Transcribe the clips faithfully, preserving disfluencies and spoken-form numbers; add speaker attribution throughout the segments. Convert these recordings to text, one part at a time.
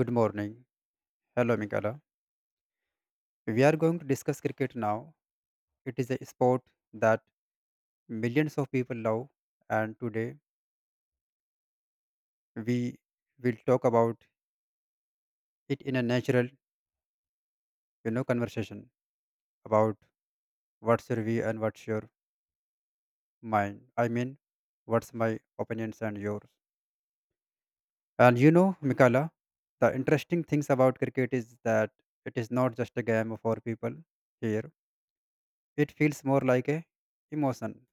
Speaker 1: Good morning. Hello, Mikala. We are going to discuss cricket now. It is a sport that millions of people love, and today we will talk about it in a natural, you know, conversation about what's your view and what's your mind. I mean, what's my opinions and yours. And you know, Mikala, the interesting things about cricket is that it is not just a game for people here. It feels more like a emotion.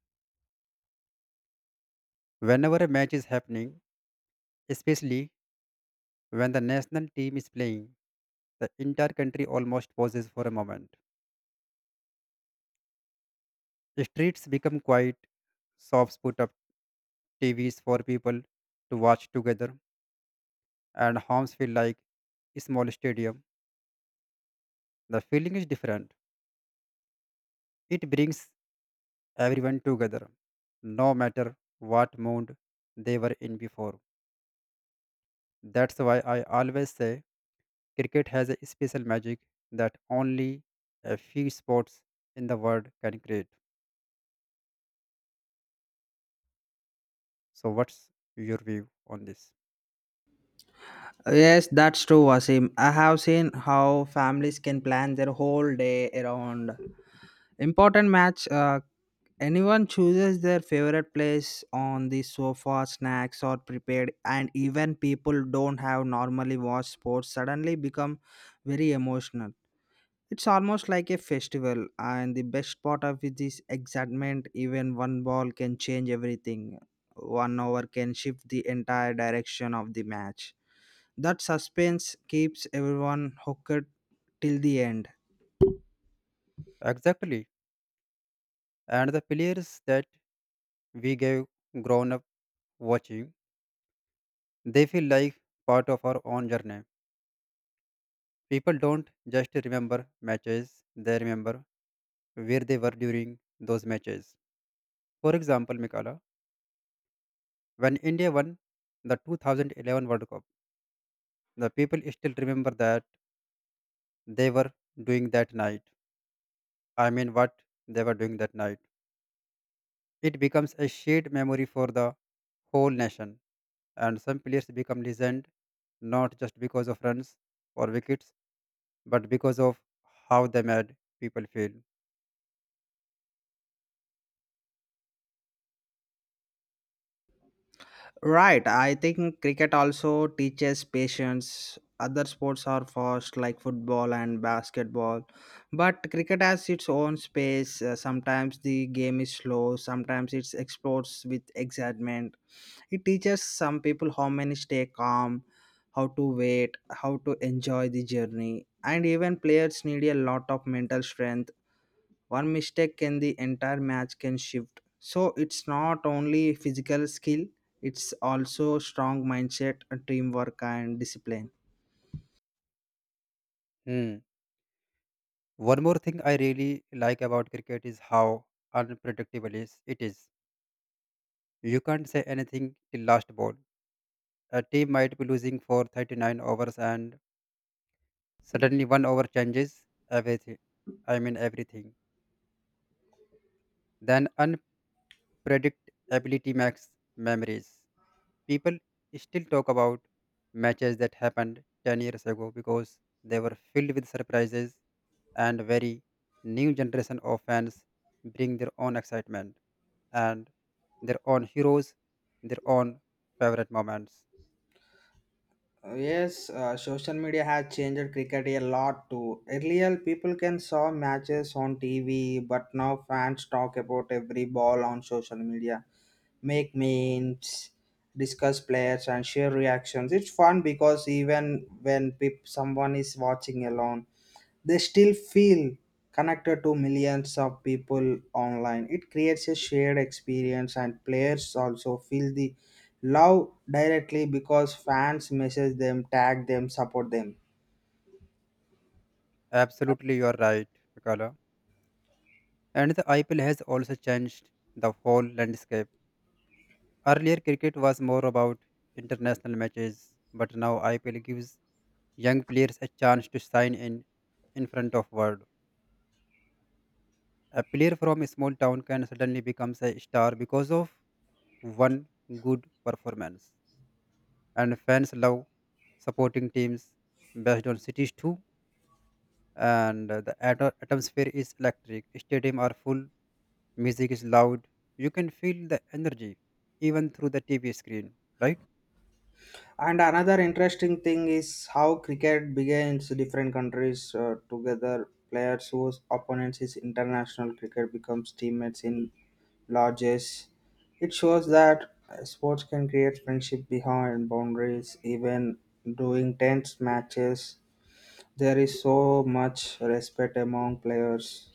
Speaker 1: Whenever a match is happening, especially when the national team is playing, the entire country almost pauses for a moment. Streets become quiet, shops put up T Vs for people to watch together, and homes feel like a small stadium. The feeling is different. It brings everyone together, no matter what mood they were in before. That's why I always say cricket has a special magic that only a few sports in the world can create. So, what's your view on this?
Speaker 2: Yes, that's true, Wasim. I have seen how families can plan their whole day around important match. Uh, anyone chooses their favorite place on the sofa, snacks or prepared, and even people don't have normally watch sports suddenly become very emotional. It's almost like a festival, and the best part of it is excitement. Even one ball can change everything. One over can shift the entire direction of the match. That suspense keeps everyone hooked till the end.
Speaker 1: Exactly. And the players that we gave grown up watching, they feel like part of our own journey. People don't just remember matches, they remember where they were during those matches. For example, Mikala, when India won the two thousand eleven World Cup, the people still remember that they were doing that night. I mean, what they were doing that night. It becomes a shared memory for the whole nation, and some players become legend not just because of runs or wickets, but because of how they made people feel.
Speaker 2: Right, I think cricket also teaches patience. Other sports are fast, like football and basketball, but cricket has its own space. Uh, sometimes the game is slow, sometimes it explodes with excitement. It teaches some people how many stay calm, how to wait, how to enjoy the journey, and even players need a lot of mental strength. One mistake can the entire match can shift. So it's not only physical skill, it's also strong mindset, teamwork and discipline.
Speaker 1: Hmm. One more thing I really like about cricket is how unpredictable is it is. You can't say anything till last ball. A team might be losing for thirty-nine overs and suddenly one over changes everything. I mean everything. Then unpredictability makes memories. People still talk about matches that happened ten years ago because they were filled with surprises, and very new generation of fans bring their own excitement and their own heroes, their own favorite moments.
Speaker 2: Uh, Yes, uh, social media has changed cricket a lot too. Earlier, people can saw matches on T V, but now fans talk about every ball on social media, make memes, discuss players, and share reactions. It's fun because even when peop someone is watching alone, they still feel connected to millions of people online. It creates a shared experience, and players also feel the love directly because fans message them, tag them, support them.
Speaker 1: Absolutely, you are right, Mikala. And the I P L has also changed the whole landscape. Earlier, cricket was more about international matches, but now I P L gives young players a chance to sign in in front of world. A player from a small town can suddenly become a star because of one good performance. And fans love supporting teams based on cities too. And uh, the ato- atmosphere is electric. Stadium are full. Music is loud. You can feel the energy even through the T V screen, right?
Speaker 2: And another interesting thing is how cricket begins different countries uh, together. Players whose opponents is international cricket becomes teammates in lodges. It shows that uh, sports can create friendship behind boundaries. Even during tense matches, there is so much respect among players.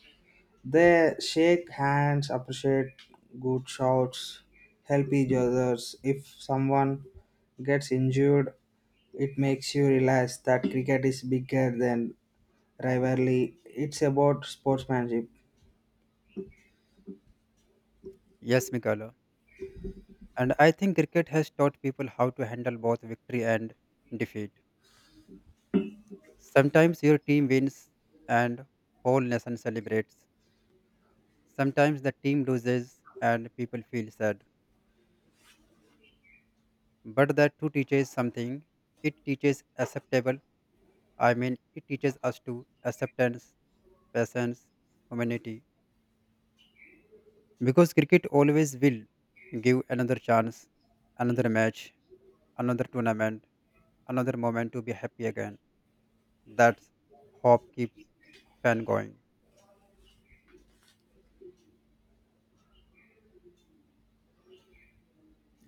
Speaker 2: They shake hands, appreciate good shots, help each others. If someone gets injured it makes you realize that cricket is bigger than rivalry. It's about sportsmanship.
Speaker 1: Yes, Mikala. And I think cricket has taught people how to handle both victory and defeat. Sometimes your team wins and whole nation celebrates. Sometimes the team loses and people feel sad, but that too teaches something. It teaches acceptable. I mean, it teaches us to acceptance, patience, humanity. Because cricket always will give another chance, another match, another tournament, another moment to be happy again. That's hope keeps fan going.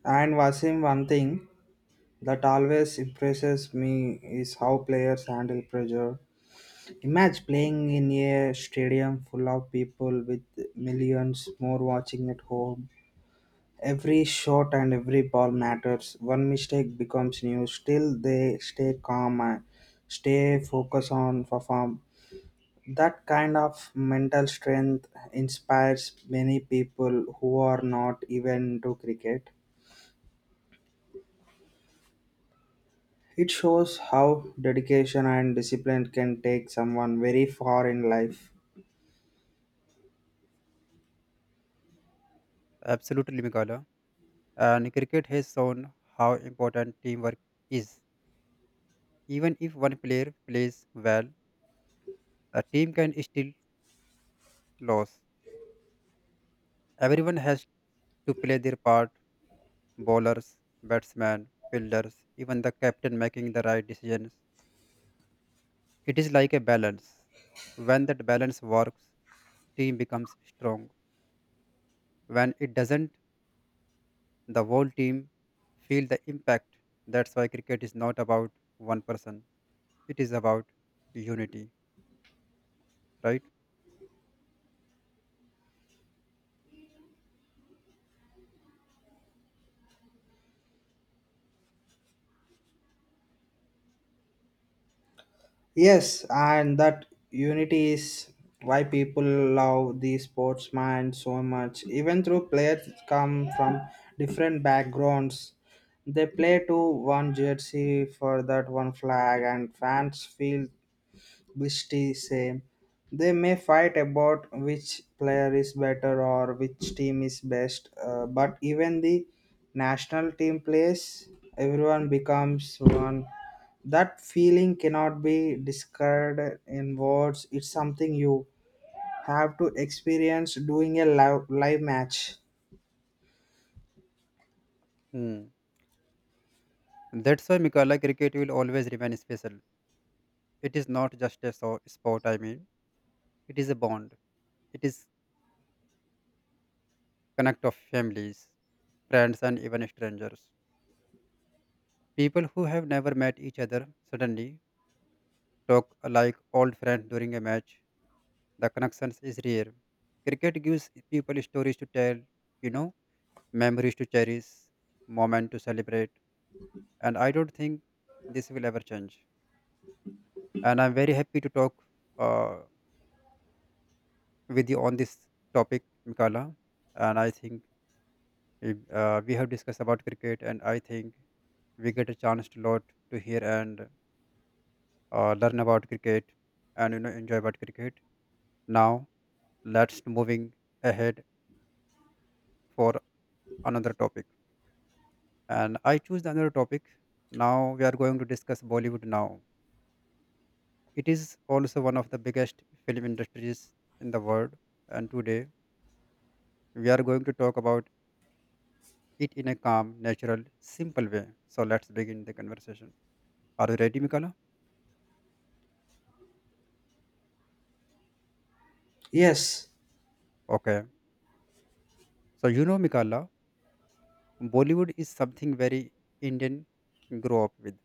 Speaker 2: And Wasim, one thing that always impresses me is how players handle pressure. Imagine playing in a stadium full of people with millions more watching at home. Every shot and every ball matters. One mistake becomes news. Still, they stay calm and stay focused on perform. That kind of mental strength inspires many people who are not even into cricket. It shows how dedication and discipline can take someone very far in life.
Speaker 1: Absolutely, Migala. And cricket has shown how important teamwork is. Even if one player plays well, a team can still lose. Everyone has to play their part: bowlers, batsmen, fielders, even the captain making the right decisions. It is like a balance. When that balance works, team becomes strong. When it doesn't, the whole team feel the impact. That's why cricket is not about one person. It is about unity, right?
Speaker 2: Yes, and that unity is why people love the sportsman so much. Even though players come from different backgrounds, they play to one jersey for that one flag, and fans feel Bishti same. They may fight about which player is better or which team is best, uh, but even the national team plays, everyone becomes one. That feeling cannot be described in words. It's something you have to experience doing a live, live match.
Speaker 1: Hmm. That's why, Mikala, cricket will always remain special. It is not just a so- sport, I mean, it is a bond. It is connect of families, friends and even strangers. People who have never met each other suddenly talk like old friends during a match. The connections is rare. Cricket gives people stories to tell, you know, memories to cherish, moment to celebrate. And I don't think this will ever change. And I'm very happy to talk uh, with you on this topic, Mikala. And I think uh, we have discussed about cricket, and I think we get a chance to lot to hear and uh, learn about cricket and you know enjoy about cricket. Now let's moving ahead for another topic, and I choose another topic. Now we are going to discuss Bollywood now. It is also one of the biggest film industries in the world, and today we are going to talk about it in a calm, natural, simple way. So let's begin the conversation. Are you ready, Mikala?
Speaker 2: Yes,
Speaker 1: Okay, so, you know Mikala, Bollywood is something very Indian grow up with.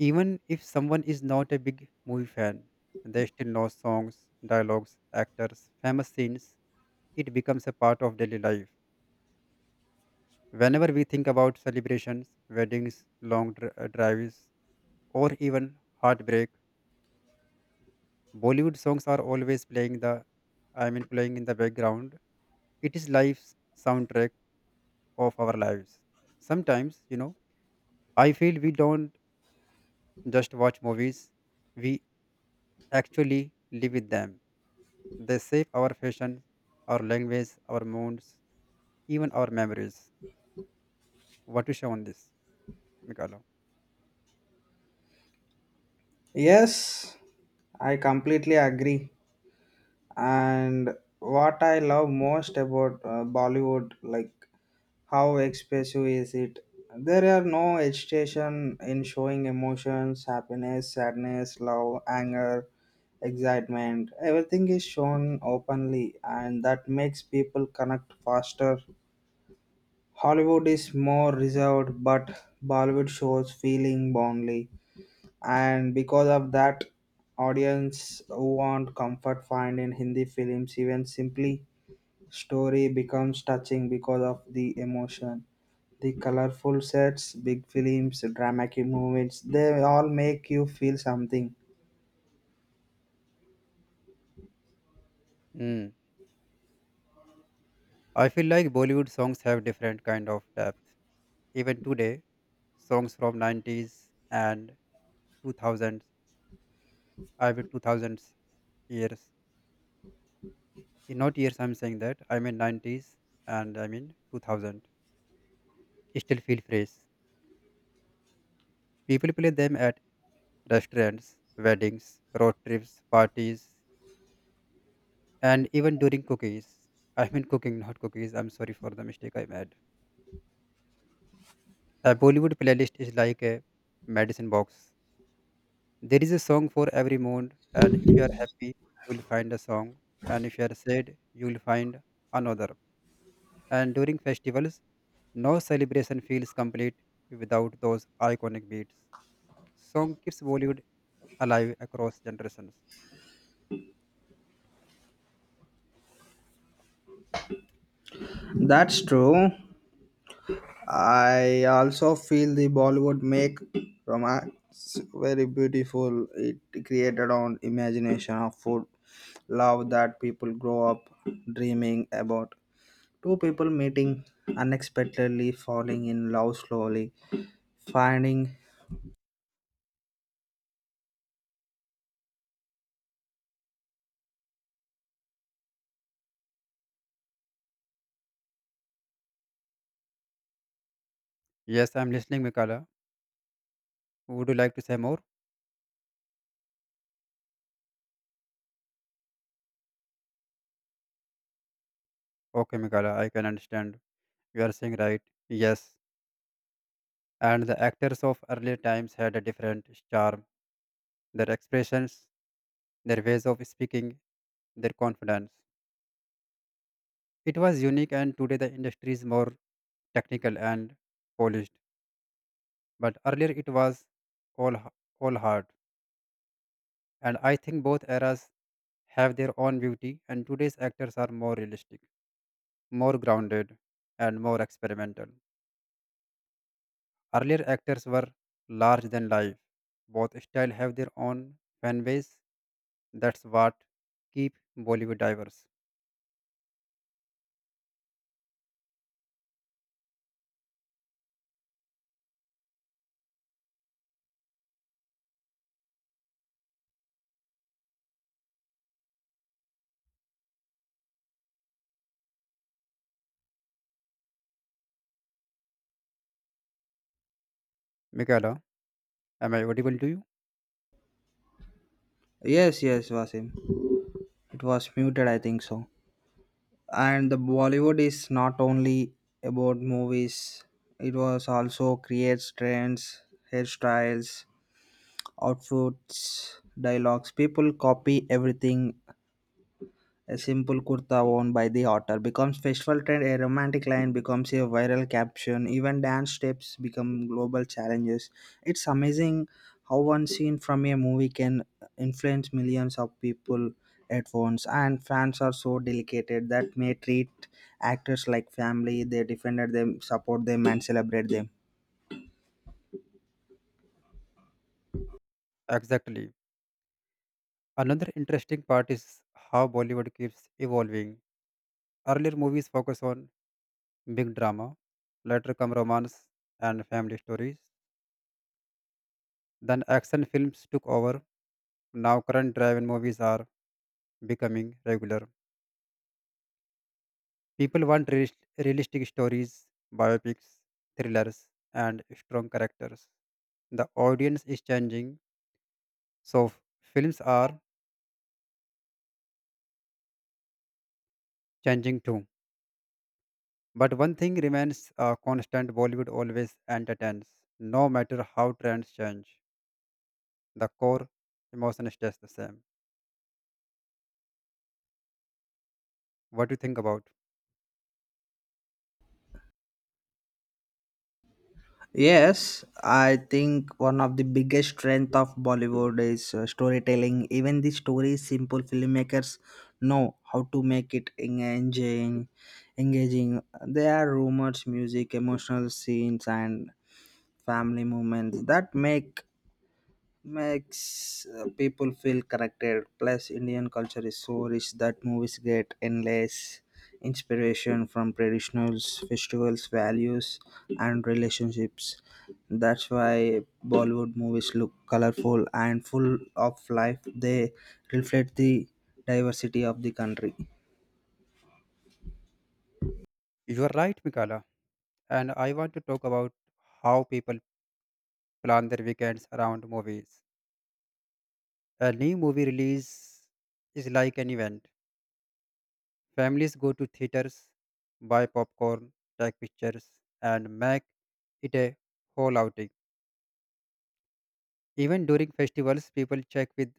Speaker 1: Even if someone is not a big movie fan, they still know songs, dialogues, actors, famous scenes. It becomes a part of daily life. Whenever we think about celebrations, weddings, long dri- uh, drives, or even heartbreak, Bollywood songs are always playing the I mean playing in the background. It is life's soundtrack of our lives. Sometimes, you know, I feel we don't just watch movies, we actually live with them. They shape our fashion, our language, our moods, even our memories. What to say on this, Mikalo?
Speaker 2: yes, I completely agree. And what I love most about uh, Bollywood, like how expressive is it? There are no hesitation in showing emotions, happiness, sadness, love, anger, excitement. Everything is shown openly, and that makes people connect faster. Hollywood is more reserved, but Bollywood shows feeling boldly, and because of that, audience who want comfort find in Hindi films even simply story becomes touching because of the emotion. The colorful sets, big films, dramatic moments, they all make you feel something.
Speaker 1: Mm. I feel like Bollywood songs have different kind of depth. Even today, songs from nineties and two thousands, I mean two thousands years, in not years I'm saying that, I mean nineties and I mean two thousand, still feel fresh. People play them at restaurants, weddings, road trips, parties, and even during cookies. I mean cooking, not cookies. I'm sorry for the mistake I made. A Bollywood playlist is like a medicine box. There is a song for every mood, and if you are happy you will find a song, and if you are sad you will find another. And during festivals, no celebration feels complete without those iconic beats. Song keeps Bollywood alive across generations.
Speaker 2: That's true. I also feel the Bollywood make romance very beautiful. It created on imagination of food, love that people grow up dreaming about. Two people meeting unexpectedly, falling in love slowly, finding
Speaker 1: Yes, I'm listening, Mikala. Would you like to say more? Okay, Mikala, I can understand. You are saying right. Yes. And the actors of earlier times had a different charm. Their expressions, their ways of speaking, their confidence. It was unique, and today the industry is more technical and polished. But earlier it was all h- all hard, and I think both eras have their own beauty. And today's actors are more realistic, more grounded, and more experimental. Earlier actors were large than life. Both style have their own fan base. That's what keep Bollywood diverse. Michaela, am I audible to you?
Speaker 2: yes, yes, Vasim. It was muted, I think so. And the Bollywood is not only about movies, it was also creates trends, hairstyles, outfits, dialogues. People copy everything a simple kurta worn by the author becomes festival trend, a romantic line becomes a viral caption, even dance steps become global challenges. It's amazing how one scene from a movie can influence millions of people at once and fans are so dedicated that may treat actors like family they defend them support them and celebrate them.
Speaker 1: Exactly. Another interesting part is how Bollywood keeps evolving. Earlier movies focus on big drama, later come romance and family stories. Then action films took over. Now current drive-in movies are becoming regular. People want realis- realistic stories, biopics, thrillers, and strong characters. The audience is changing, so f- films are changing too. But one thing remains uh, constant: Bollywood always entertains. No matter how trends change, the core emotion stays the same. What do you think about?
Speaker 2: Yes, I think one of the biggest strength of Bollywood is uh, storytelling. Even the story is simple filmmakers know how to make it engaging. Engaging. There are rumors, music, emotional scenes, and family moments that make makes uh, people feel connected plus indian culture is so rich that movies get endless inspiration from traditionals festivals values and relationships that's why bollywood movies look colorful and full of life they reflect the diversity of the country.
Speaker 1: You are right, Mikala. And I want to talk about how people plan their weekends around movies. A new movie release is like an event. Families go to theaters, buy popcorn, take pictures, and make it a whole outing. Even during festivals, people check with,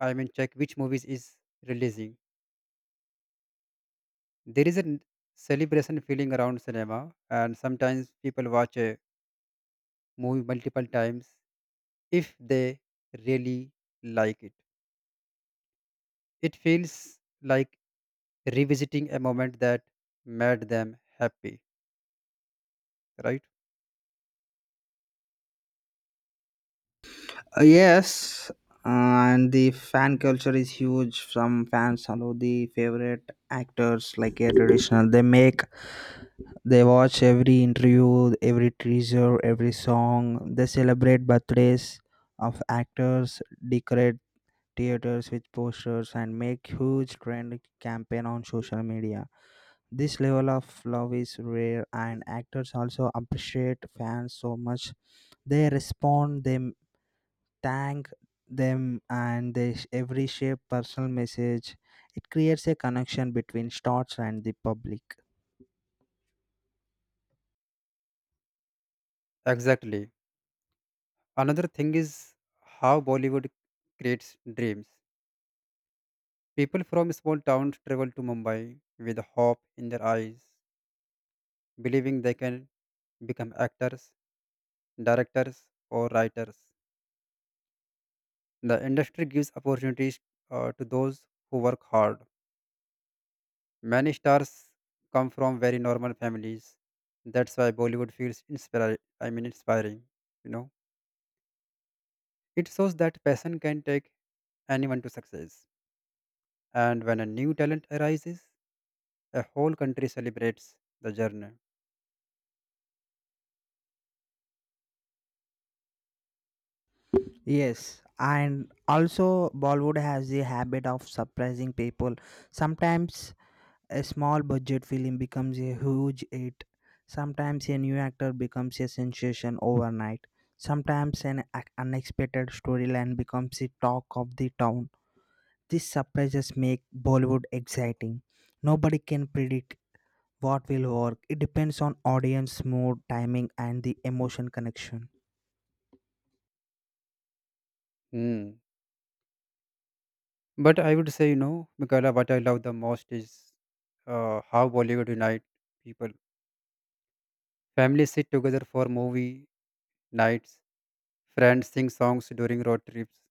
Speaker 1: I mean check which movies is releasing. There is a n- celebration feeling around cinema, and sometimes people watch a movie multiple times if they really like it. It feels like revisiting a moment that made them happy, right?
Speaker 2: Uh, yes, uh, and the fan culture is huge. Some fans follow the favorite actors like a traditional. They make They watch every interview, every teaser, every song. They celebrate birthdays of actors, decorate theaters with posters, and make huge trend campaign on social media. This level of love is rare, and actors also appreciate fans so much. They respond, they thank them, and they sh- every shape personal message. It creates a connection between stars and the public.
Speaker 1: Exactly. Another thing is how Bollywood creates dreams. People from small towns travel to Mumbai with hope in their eyes, believing they can become actors, directors, or writers. The industry gives opportunities uh, to those who work hard. Many stars come from very normal families. That's why Bollywood feels inspir- I mean inspiring, you know. It shows that passion can take anyone to success. And when a new talent arises, a whole country celebrates the journey.
Speaker 2: Yes, and also Bollywood has the habit of surprising people. Sometimes a small budget film becomes a huge hit. Sometimes a new actor becomes a sensation overnight. Sometimes an ac- unexpected storyline becomes the talk of the town. These surprises make Bollywood exciting. Nobody can predict what will work it depends on audience mood timing and the emotion connection.
Speaker 1: Hmm. But I would say, you know, Michaela, what I love the most is uh, how Bollywood unite people. Families sit together for movie nights. Friends sing songs during road trips.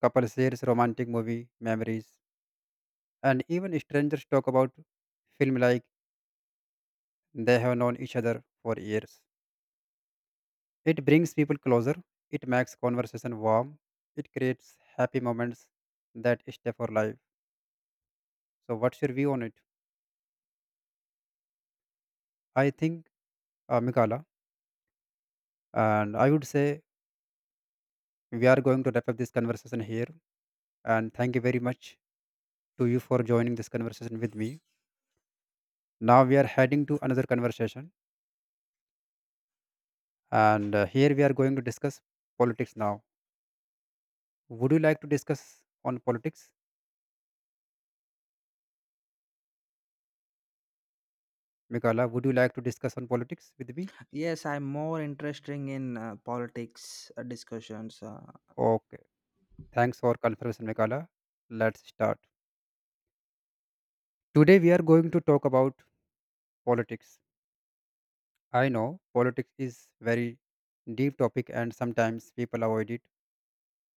Speaker 1: Couple shares romantic movie memories. And even strangers talk about film like they have known each other for years. It brings people closer. It makes conversation warm. It creates happy moments that stay for life. So, what's your view on it? I think, uh, Mikala, and I would say we are going to wrap up this conversation here. And thank you very much to you for joining this conversation with me. Now we are heading to another conversation, and uh, here we are going to discuss politics now. Would you like to discuss on politics, Mikala? Would you like to discuss on politics with me?
Speaker 2: Yes, I'm more interested in uh, politics uh, discussions uh,
Speaker 1: Okay. Thanks for confirmation, Mikala. Let's start. Today we are going to talk about politics. I know politics is very deep topic and sometimes people avoid it,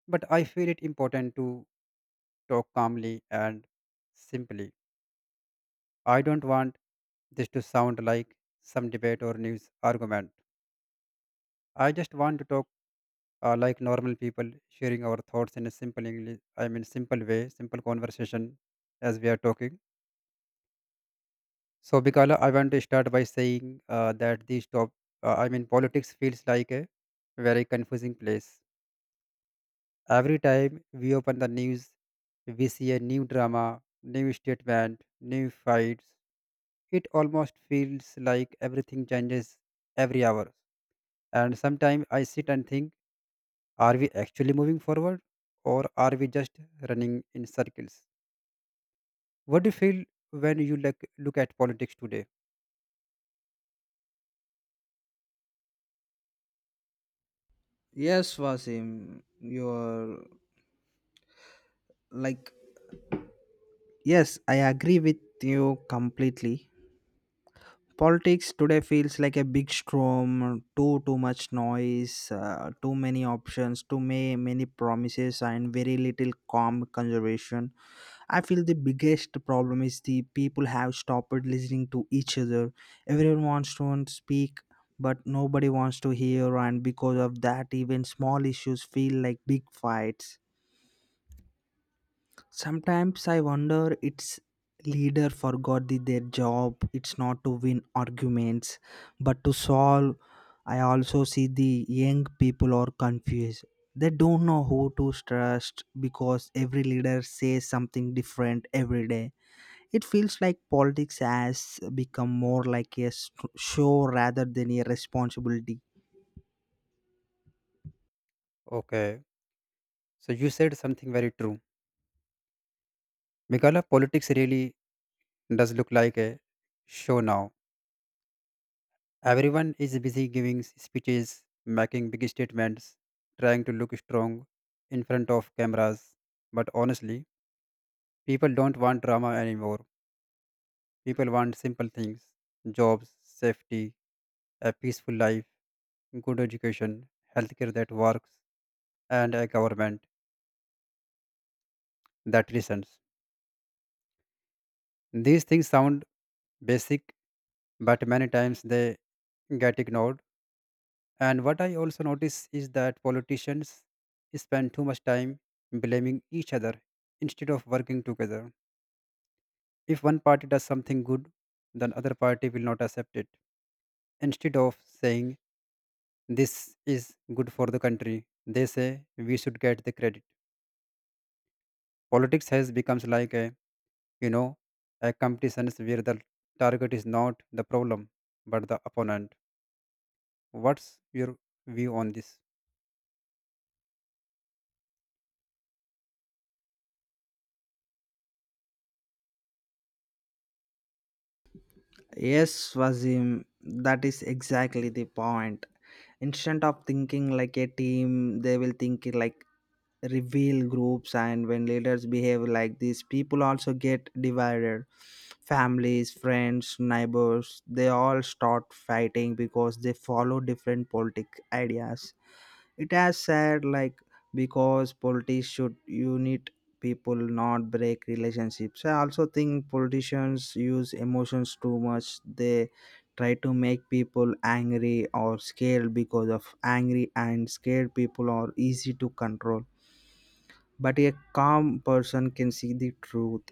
Speaker 1: but I feel it important to talk calmly and simply. I don't want this to sound like some debate or news argument. I just want to talk uh, like normal people, sharing our thoughts in a simple English, I mean, simple way, simple conversation as we are talking. So, Bikala, I want to start by saying uh, that these top, uh, I mean, politics feels like a very confusing place. Every time we open the news, we see a new drama, new statement, new fights. It almost feels like everything changes every hour. And sometimes I sit and think, are we actually moving forward, or are we just running in circles? What do you feel when you look, look at politics today?
Speaker 2: yes Vasim, you're like yes I agree with you completely. Politics today feels like a big storm, too too much noise, uh, too many options, too many many promises, and very little calm conservation. I feel the biggest problem is the people have stopped listening to each other. Everyone wants to speak, but nobody wants to hear, and because of that, even small issues feel like big fights. Sometimes I wonder its leader forgot the, their job. It's not to win arguments, but to solve. I also see the young people are confused. They don't know who to trust because every leader says something different every day. It feels like politics has become more like a s- show rather than a responsibility.
Speaker 1: Okay, so you said something very true. Meghala, politics really does look like a show now. Everyone is busy giving s- speeches, making big statements, trying to look strong in front of cameras. But honestly, people don't want drama anymore. People want simple things: jobs, safety, a peaceful life, good education, healthcare that works, and a government that listens. These things sound basic, but many times they get ignored. And what I also notice is that politicians spend too much time blaming each other instead of working together. If one party does something good, then other party will not accept it. Instead of saying this is good for the country, they say we should get the credit. Politics has becomes like a, you know a competition where the target is not the problem but the opponent. What's your view on this?
Speaker 2: Yes, Wazim, that is exactly the point. Instead of thinking like a team, they will think it like reveal groups, and when leaders behave like this, people also get divided. Families, friends, neighbors, they all start fighting because they follow different politic ideas. It has said like because politics should unite people, not break relationships. I also think politicians use emotions too much. They try to make people angry or scared because of angry and scared people are easy to control. But a calm person can see the truth.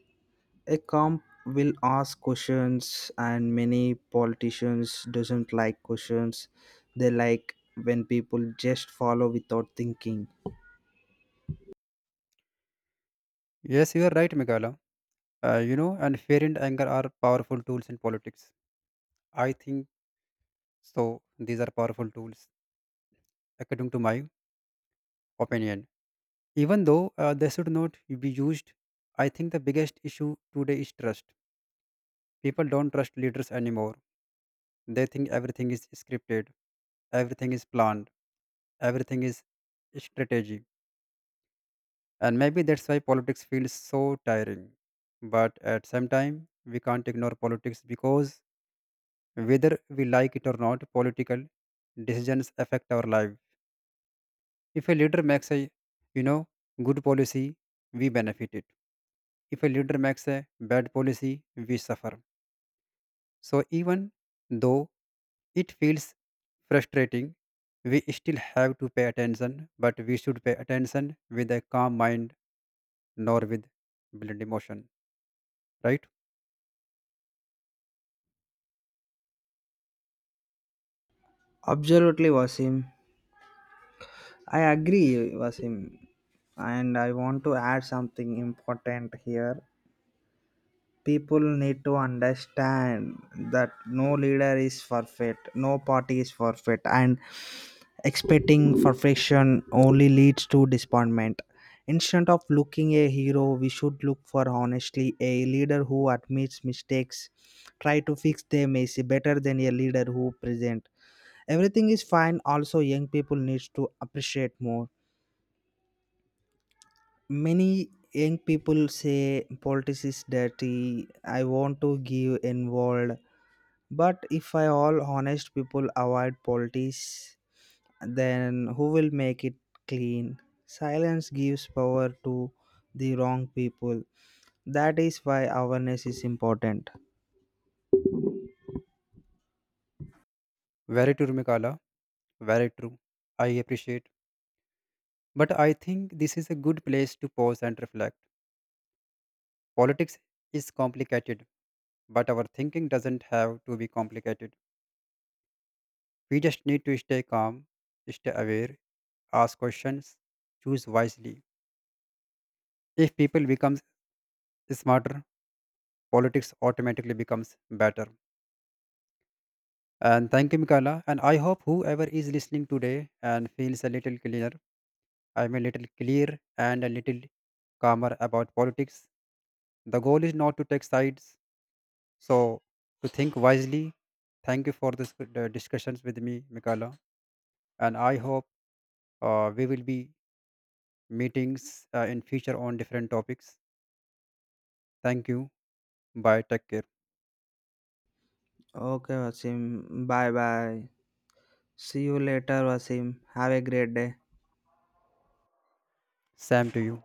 Speaker 2: A calm will ask questions and many politicians doesn't like questions they like when people just follow without thinking.
Speaker 1: Yes, you are right, Megala. Uh, you know, and fear and anger are powerful tools in politics. I think so. These are powerful tools, according to my opinion. Even though uh, they should not be used, I think the biggest issue today is trust. People don't trust leaders anymore. They think everything is scripted, everything is planned, everything is strategy. And maybe that's why politics feels so tiring. But at some time, we can't ignore politics because whether we like it or not, political decisions affect our life. If a leader makes a you know good policy, we benefit it. If a leader makes a bad policy, we suffer. So even though it feels frustrating, we still have to pay attention, but we should pay attention with a calm mind, nor with blind emotion. Right?
Speaker 2: Absolutely, Wasim. I agree, Wasim. And I want to add something important here. People need to understand that no leader is perfect, no party is perfect, and expecting perfection only leads to disappointment. Instead of looking a hero, we should look for honestly a leader who admits mistakes, try to fix them is better than a leader who presents everything is fine also young people needs to appreciate more many young people say politics is dirty I want to give involved but if I all honest people avoid politics then who will make it clean silence gives power to the wrong people that is why awareness is important.
Speaker 1: Very true, Mikala. Very true. I appreciate. But I think this is a good place to pause and reflect. Politics is complicated, but our thinking doesn't have to be complicated. We just need to stay calm, stay aware, ask questions, choose wisely. If people become smarter, politics automatically becomes better. And thank you, Mikala. And I hope whoever is listening today and feels a little cleaner, I'm a little clear and a little calmer about politics. The goal is not to take sides, so to think wisely. Thank you for this uh, discussions with me, Mikala. And I hope uh, we will be meetings uh, in future on different topics. Thank you. Bye. Take care.
Speaker 2: Okay Wasim, bye bye. See you later Wasim, have a great day.
Speaker 1: Sam to you.